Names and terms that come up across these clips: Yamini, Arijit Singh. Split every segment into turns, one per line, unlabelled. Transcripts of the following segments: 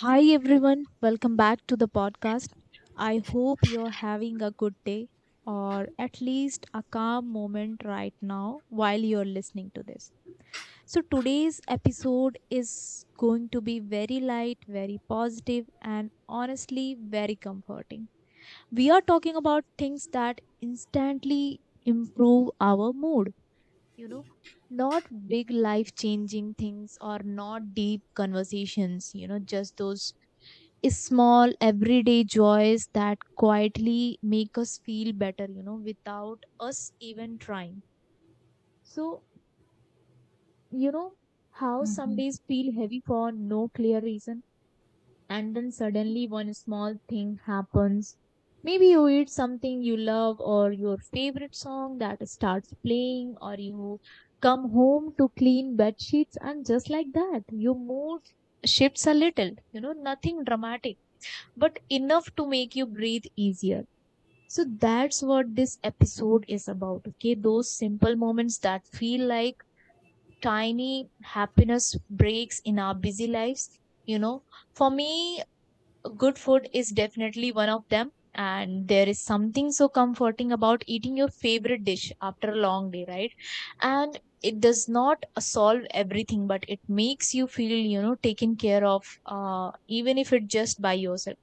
Hi everyone, welcome back to the podcast. I hope you're having a good day or at least a calm moment right now while you're listening to this. So, today's episode is going to be very light, very positive, and honestly, very comforting. We are talking about things that instantly improve our mood, you know, not big life changing things or not deep conversations, just those small everyday joys that quietly make us feel better, without us even trying. So you know how some
Hmm.
days feel heavy for no clear reason, and then suddenly one small thing happens. Maybe you eat something you love, or your favorite song that starts playing, or you come home to clean bed sheets, and just like that your mood shifts a little. Nothing dramatic, but enough to make you breathe easier. So that's what this episode is about. Okay, those simple moments that feel like tiny happiness breaks in our busy lives. You know, for me, good food is definitely one of them, and there is something so comforting about eating your favorite dish after a long day, right? And it does not solve everything, but it makes you feel, taken care of, even if it just by yourself.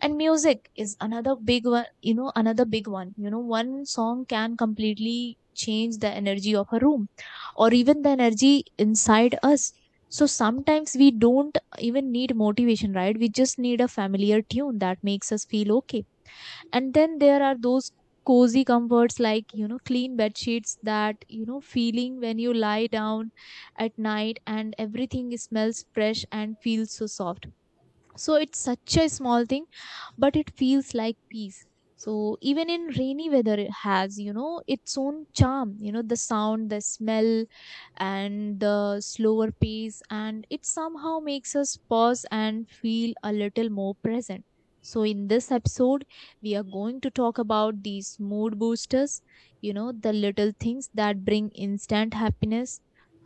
And music is another big one. One song can completely change the energy of a room, or even the energy inside us. So sometimes we don't even need motivation, right? We just need a familiar tune that makes us feel okay. And then there are those cozy comforts like, clean bed sheets, that, feeling when you lie down at night and everything smells fresh and feels so soft. So it's such a small thing, but it feels like peace. So even in rainy weather, it has, its own charm, the sound, the smell, and the slower pace, and it somehow makes us pause and feel a little more present. So in this episode, we are going to talk about these mood boosters, the little things that bring instant happiness,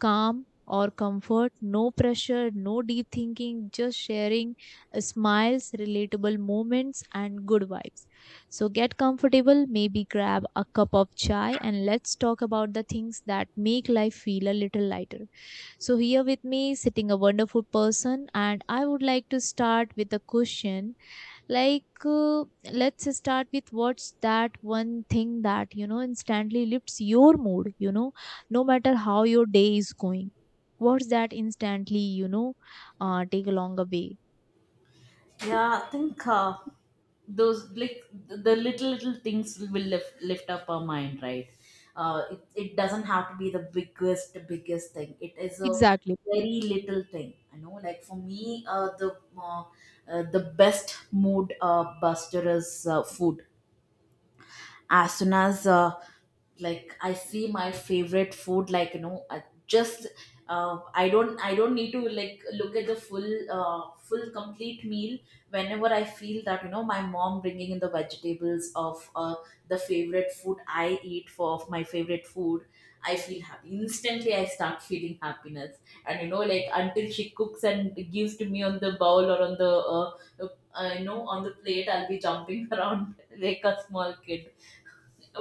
calm, or comfort. No pressure, no deep thinking, just sharing, smiles, relatable moments, and good vibes. So get comfortable, maybe grab a cup of chai, and let's talk about the things that make life feel a little lighter. So, here with me sitting a wonderful person, and I would like to start with a question like, let's start with what's that one thing that, instantly lifts your mood, no matter how your day is going. What's that instantly, take along a way?
Yeah, I think those like the little things will lift up our mind, right? It doesn't have to be the biggest thing. It is a
Exactly.
very little thing. I know, like for me, the best mood buster is food. As soon as like I see my favorite food, like, you know, I just I don't need to, like, look at the full complete meal. Whenever I feel that, you know, my mom bringing in the vegetables of the favorite food I eat for of my favorite food, I feel happy instantly, I start feeling happiness. And you know, like, until she cooks and gives to me on the bowl or on the plate, I'll be jumping around like a small kid.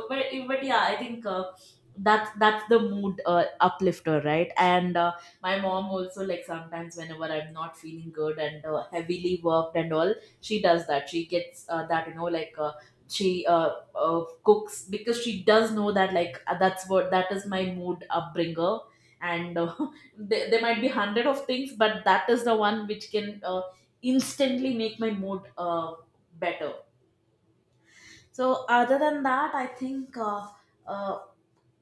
But yeah, I think that's the mood uplifter, right? And my mom also, like, sometimes whenever I'm not feeling good and heavily worked and all, she does that. She gets that, you know, like. She cooks because she does know that, like, that's what that is my mood upbringer. And there might be hundred of things, but that is the one which can instantly make my mood better. So other than that, I think uh,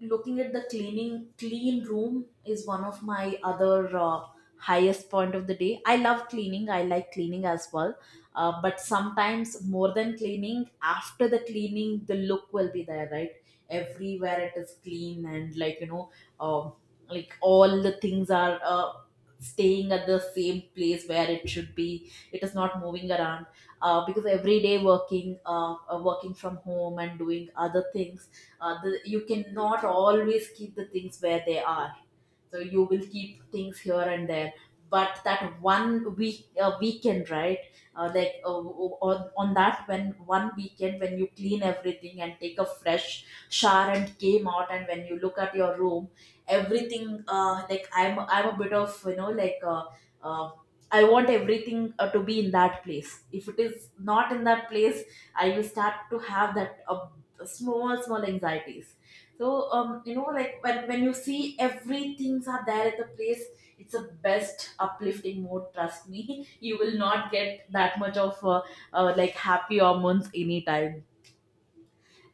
looking at the clean room is one of my other highest point of the day. I love cleaning, I like cleaning as well. But sometimes more than cleaning, after the cleaning the look will be there, right? Everywhere it is clean, and like, you know, um, like, all the things are staying at the same place where it should be, it is not moving around. Because every day working, working from home and doing other things, you cannot always keep the things where they are, so you will keep things here and there. But that one weekend, right? On that when one weekend when you clean everything and take a fresh shower and came out and when you look at your room, everything, like, I'm a bit of, you know, like, uh, I want everything to be in that place. If it is not in that place, I will start to have that small small anxieties. So you know, like, when you see everything's are there at the place, it's a best uplifting mode, trust me. You will not get that much of like happy hormones anytime.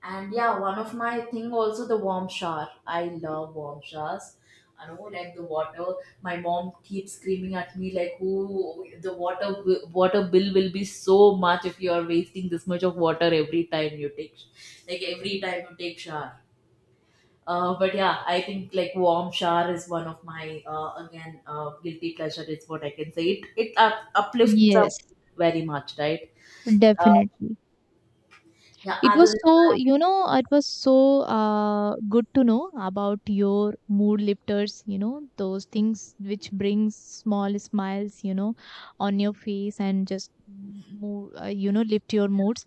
And yeah, one of my thing also the warm shower. I love warm showers. I know, like the water. My mom keeps screaming at me like, "Who the water bill will be so much if you are wasting this much of water every time like every time you take shower." But yeah, I think like warm shower is one of my again guilty pleasure is what I can say. It uplifts
Yes,
up very much, right? Uh,
definitely.
yeah.
It
Other
was so,
than
it was so good to know about your mood lifters, those things which brings small smiles, on your face, and just, lift your moods.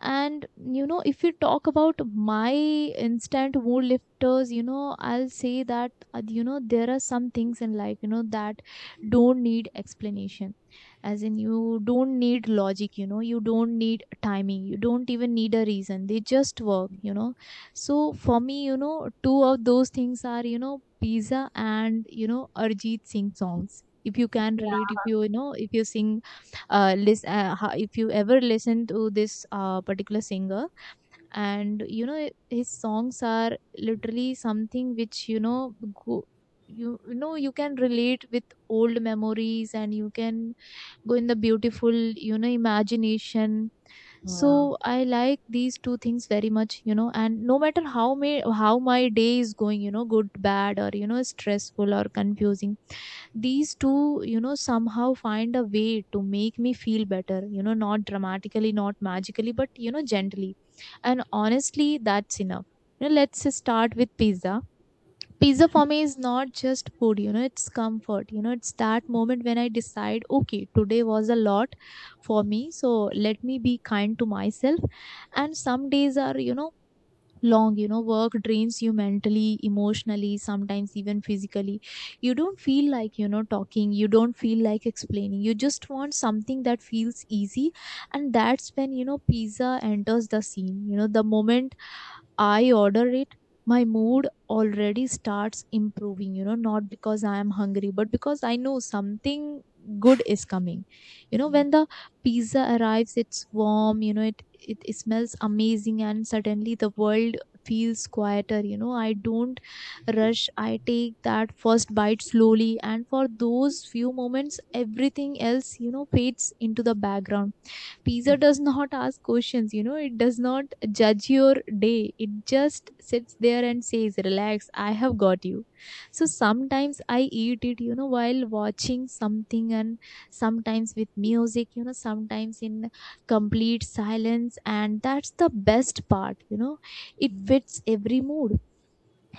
And, if you talk about my instant mood lifters, I'll say that, there are some things in life, that don't need explanation, as in you don't need logic, you don't need timing, you don't even need a reason. They just work. So for me, two of those things are, pizza and, Arjit Singh songs. If you can relate,
that,
if you sing, listen, if you ever listen to this particular singer, and, his songs are literally something which, go, you can relate with old memories, and you can go in the beautiful, imagination.
yeah,
So I like these two things very much, and no matter how may how my day is going, good, bad, or, stressful or confusing, these two, somehow find a way to make me feel better, not dramatically, not magically, but, gently. And honestly, that's enough. Let's start with pizza. Pizza for me is not just food, it's comfort, it's that moment when I decide, okay, today was a lot for me, so let me be kind to myself. And some days are, long, work drains you mentally, emotionally, sometimes even physically. You don't feel like, talking, you don't feel like explaining, you just want something that feels easy. And that's when, pizza enters the scene. The moment I order it, my mood already starts improving, not because I am hungry, but because I know something good is coming. You know, when the pizza arrives, it's warm, it smells amazing, and suddenly the world feels quieter. You know, I don't rush, I take that first bite slowly, and for those few moments, everything else, fades into the background. Pizza does not ask questions, it does not judge your day. It just sits there and says, "Relax, I have got you." So sometimes I eat it, while watching something, and sometimes with music, sometimes in complete silence. And that's the best part, it fits every mood.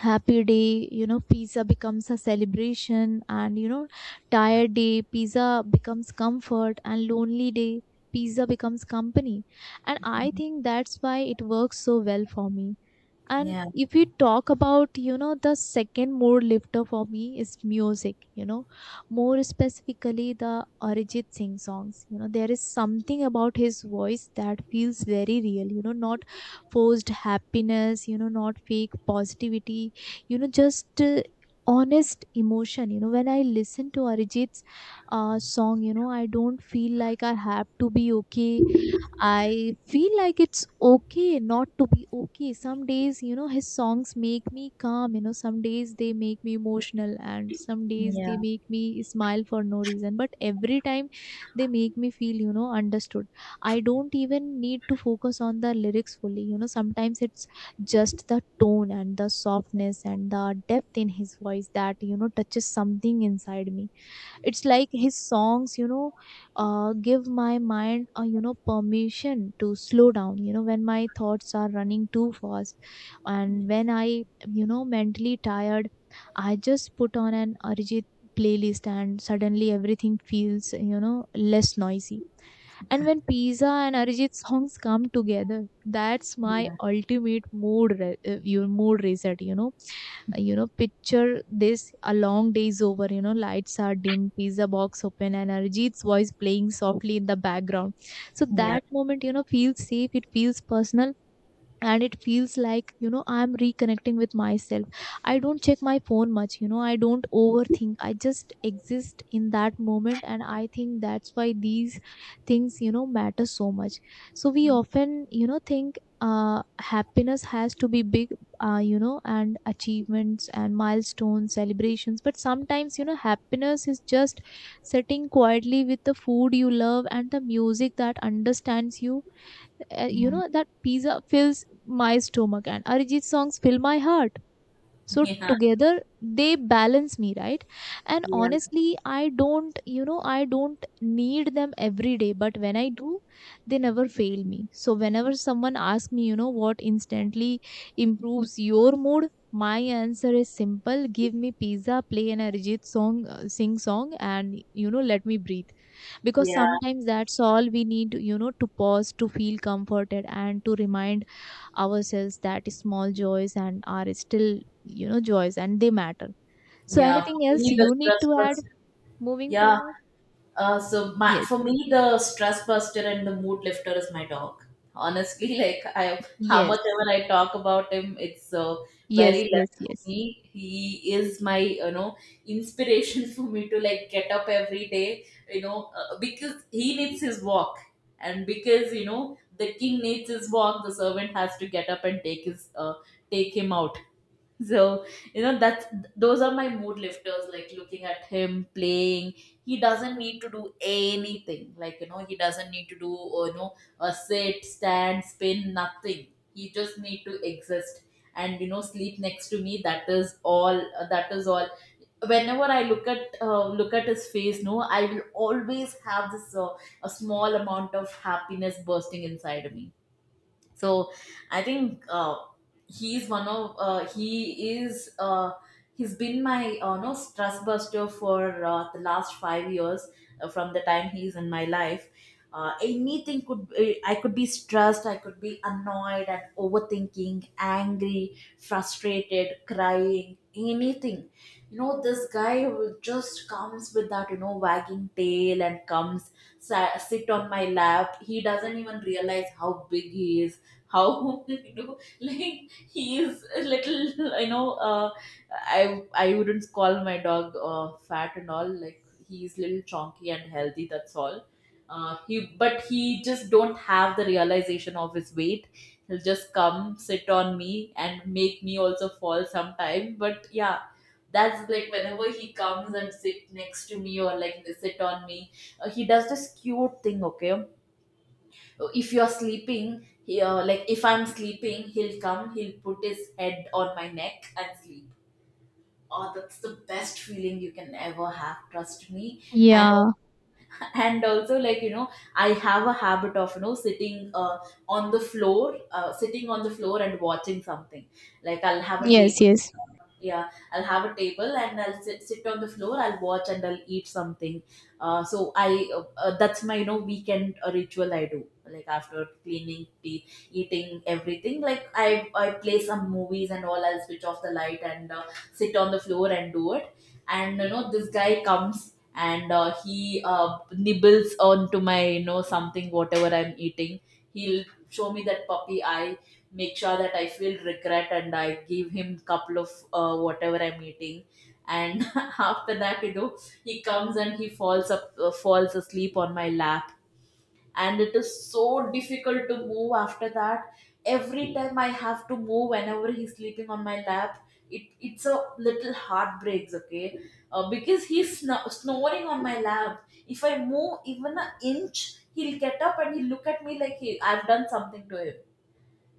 Happy day, pizza becomes a celebration, and, tired day, pizza becomes comfort, and lonely day, pizza becomes company. And I think that's why it works so well for me. And
yeah.
if we talk about, the second mood lifter for me is music, more specifically the Arijit Singh songs. There is something about his voice that feels very real, not forced happiness, not fake positivity, just, honest emotion. When I listen to Arijit's song, I don't feel like I have to be okay. I feel like it's okay not to be okay. Some days, his songs make me calm, some days they make me emotional, and some days
Yeah.
they make me smile for no reason. But every time they make me feel, understood. I don't even need to focus on the lyrics fully, sometimes it's just the tone and the softness and the depth in his voice that, touches something inside me. It's like his songs, give my mind a, permission to slow down, when my thoughts are running too fast. And when I, mentally tired, I just put on an Arijit playlist, and suddenly everything feels, less noisy. And when pizza and Arijit songs come together, that's my
Yeah,
ultimate your mood reset. Picture this: a long day is over, lights are dim, pizza box open, and Arijit's voice playing softly in the background. So
yeah,
that moment, feels safe, it feels personal, and it feels like, I'm reconnecting with myself. I don't check my phone much, I don't overthink, I just exist in that moment. And I think that's why these things, matter so much. So we often, think, happiness has to be big, and achievements and milestones, celebrations. But sometimes, happiness is just sitting quietly with the food you love and the music that understands you. You
yeah.
know That pizza fills my stomach and Arijit songs fill my heart. So
Yeah,
together they balance me, right? And
yeah,
honestly, I don't, I don't need them every day, but when I do, they never fail me. So whenever someone asks me, what instantly improves your mood, my answer is simple: give me pizza, play an Arijit song, sing song, and, let me breathe. Because
yeah,
sometimes that's all we need, to pause, to feel comforted, and to remind ourselves that small joys and are still, joys, and they matter. So
yeah.
anything
For
else
me, the
you need
stress
to add,
buster.
moving
Yeah.
forward?
So my
Yes,
for me, the stress buster and the mood lifter is my dog. Honestly, how
yes,
much ever I talk about him, it's very
yes. Yes,
less for
yes,
me. He is my, you know, inspiration for me to, like, get up every day. You know, because he needs his walk, and because, you know, the king needs his walk, the servant has to get up and take him out. So, you know, that's those are my mood lifters, like looking at him playing. He doesn't need to do anything. Like, you know, he doesn't need to do, you know, a sit, stand, spin, nothing. He just need to exist and, you know, sleep next to me. That is all. Whenever I look at his face, no, I will always have this a small amount of happiness bursting inside of me. So I think he's one of he is he's been my no stress buster for the last 5 years, from the time he's in my life. Anything could be, I could be stressed, I could be annoyed and overthinking, angry, frustrated, crying, anything. You know, this guy will just comes with that, you know, wagging tail and comes sit on my lap. He doesn't even realize how big he is, how, you know, like, he is a little, you know, I wouldn't call my dog fat and all, like he's little chonky and healthy, that's all. Uh, he but he just don't have the realization of his weight. He'll just come sit on me and make me also fall sometime, but yeah, that's like whenever he comes and sit next to me or like sit on me, he does this cute thing, okay? If you're sleeping like if I'm sleeping, he'll come, he'll put his head on my neck and sleep. Oh, that's the best feeling you can ever have, trust me. And
yeah.
and also, like, you know, I have a habit of, you know, sitting on the floor and watching something, like, I'll have a
Yes,
table.
yes,
Yeah, I'll have a table, and I'll sit on the floor, I'll watch and I'll eat something. Uh, so i uh, uh, that's my, you know, weekend ritual I do, like after cleaning teeth, eating everything, like I play some movies and all, I'll switch off the light and sit on the floor and do it. And you know, this guy comes and he nibbles onto my, you know, something whatever I'm eating. He'll show me that puppy eye, make sure that I feel regret and I give him couple of whatever I'm eating. And after that, you know, he comes and he falls asleep on my lap, and it is so difficult to move after that. Every time I have to move whenever he's sleeping on my lap, it's a little heartbreaks, okay? Because he's snoring on my lap, if I move even an inch he'll get up, and he'll look at me like I've done something to him.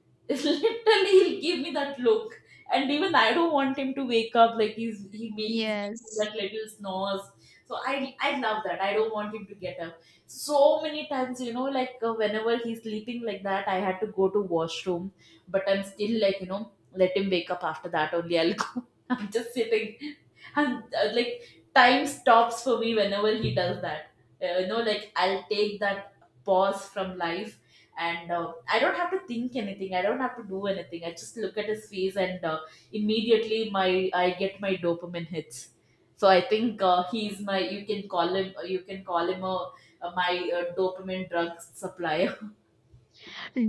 Literally, he'll give me that look, and even I don't want him to wake up, like he's he may he's making
yes.
that little snores. So I love that. I don't want him to get up. So many times, you know, like whenever he's sleeping like that, I had to go to washroom, but I'm still like, you know, let him wake up after that only, I'll go. I'm just sitting, and like time stops for me whenever he does that. You know, like, I'll take that pause from life, and I don't have to think anything, I don't have to do anything, I just look at his face, and immediately my I get my dopamine hits. So I think he's my you can call him, a my dopamine drug supplier.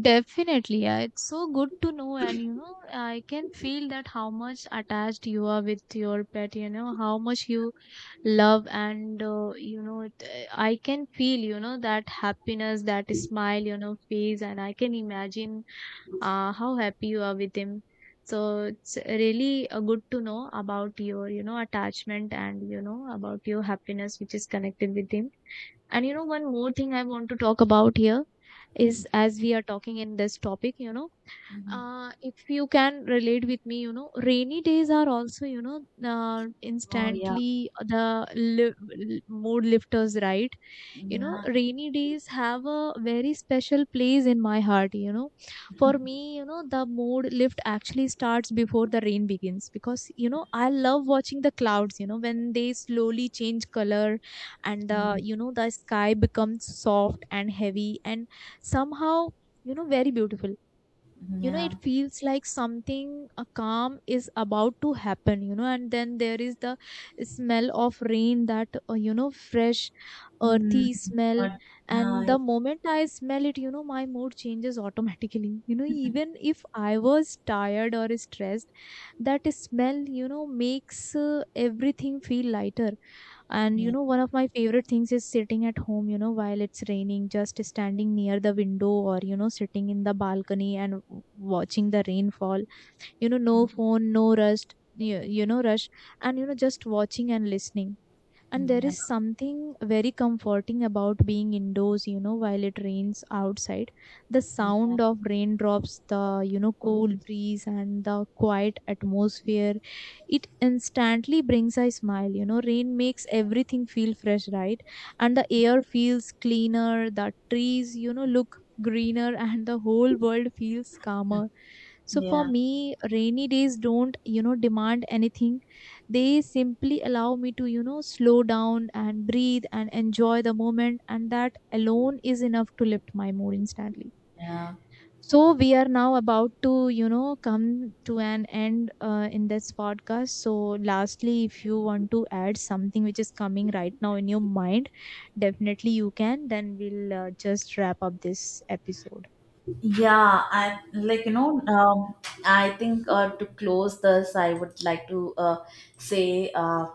Definitely, yeah. It's so good to know, and, I can feel that how much attached you are with your pet, how much you love. And, I can feel, that happiness, that smile, face. And I can imagine how happy you are with him. So it's really good to know about your, attachment, and, about your happiness which is connected with him. And, one more thing I want to talk about here is, as we are talking in this topic,
Mhm.
if you can relate with me, rainy days are also,
Oh yeah.
instantly the mood lifters, right?
Yeah.
Rainy days have a very special place in my heart. For me, the mood lift actually starts before the rain begins, because, I love watching the clouds, when they slowly change color, and the
Mm.
you know the sky becomes soft and heavy, and somehow, very beautiful. It
Yeah.
feels like something, a calm, is about to happen. And then there is the smell of rain, that, fresh,
Mm.
earthy smell.
But- yeah.
And the moment I smell it, my mood changes automatically. Even if I was tired or stressed, that smell, makes, everything feel lighter. And,
Yeah.
one of my favorite things is sitting at home, while it's raining, just standing near the window, or, sitting in the balcony and watching the rainfall. You know, no phone, no rust, rush, and, just watching and listening. And there
Yeah,
is something very comforting about being indoors, while it rains outside. The
yeah,
sound of raindrops, the, cool breeze, and the quiet atmosphere, it instantly brings a smile. You know, rain makes everything feel fresh, right? And the air feels cleaner, the trees, look greener, and the whole world feels calmer. So for
yeah.
me, rainy days don't, demand anything. They simply allow me to, slow down and breathe and enjoy the moment. And that alone is enough to lift my mood instantly.
Yeah.
So we are now about to, come to an end, in this podcast. So lastly, if you want to add something which is coming right now in your mind, definitely you can. Then we'll just wrap up this episode.
Yeah, I like, you know, I think to close this, I would like to say. Uh,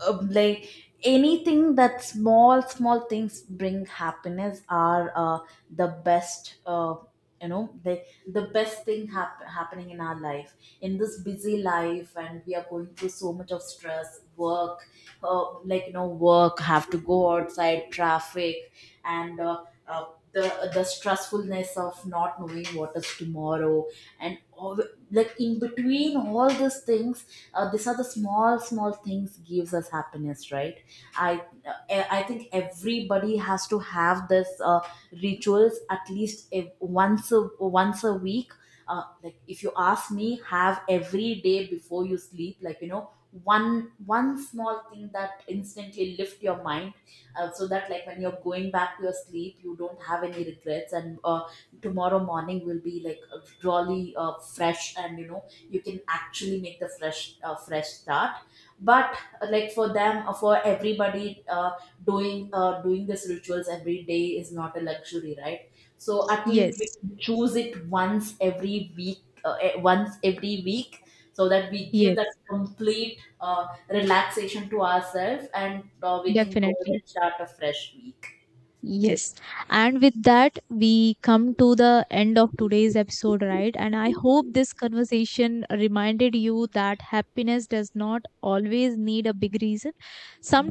uh, Like, anything that small small things bring happiness are the best, you know, the best thing happening in our life. In this busy life, and we are going through so much of stress work, like, you know, work have to go outside, traffic, and the stressfulness of not knowing what is tomorrow and all. Like, in between all these things, these are the small small things gives us happiness, right? I think everybody has to have this rituals at least once a week. Like, if you ask me, have every day before you sleep, like, you know, one small thing that instantly lift your mind, so that, like, when you're going back to your sleep, you don't have any regrets, and tomorrow morning will be like, really fresh, and you know, you can actually make the fresh start. But like, for them, for everybody, doing these rituals every day is not a luxury, right? So at least we
Yes,
can choose it once every week, so that we give that
yes,
complete relaxation to ourselves, and we can go ahead
definitely.
and start a fresh week.
Yes. And with that, we come to the end of today's episode, right? And I hope this conversation reminded you that happiness does not always need a big reason.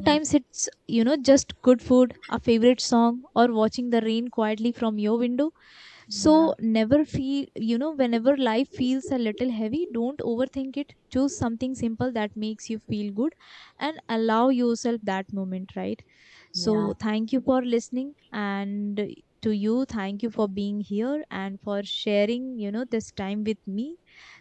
Yeah.
it's, just good food, a favorite song, or watching the rain quietly from your window.
Yeah.
So never feel, whenever life feels a little heavy, don't overthink it. Choose something simple that makes you feel good and allow yourself that moment, right?
Yeah.
So thank you for listening, and to you, thank you for being here and for sharing, this time with me.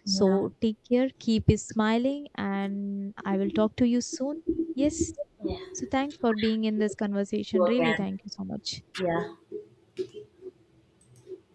So take care, keep smiling, and I will talk to you soon. Yes.
Yeah,
So thanks for being in this conversation.
you
Really,
again.
thank you so much.
Yeah.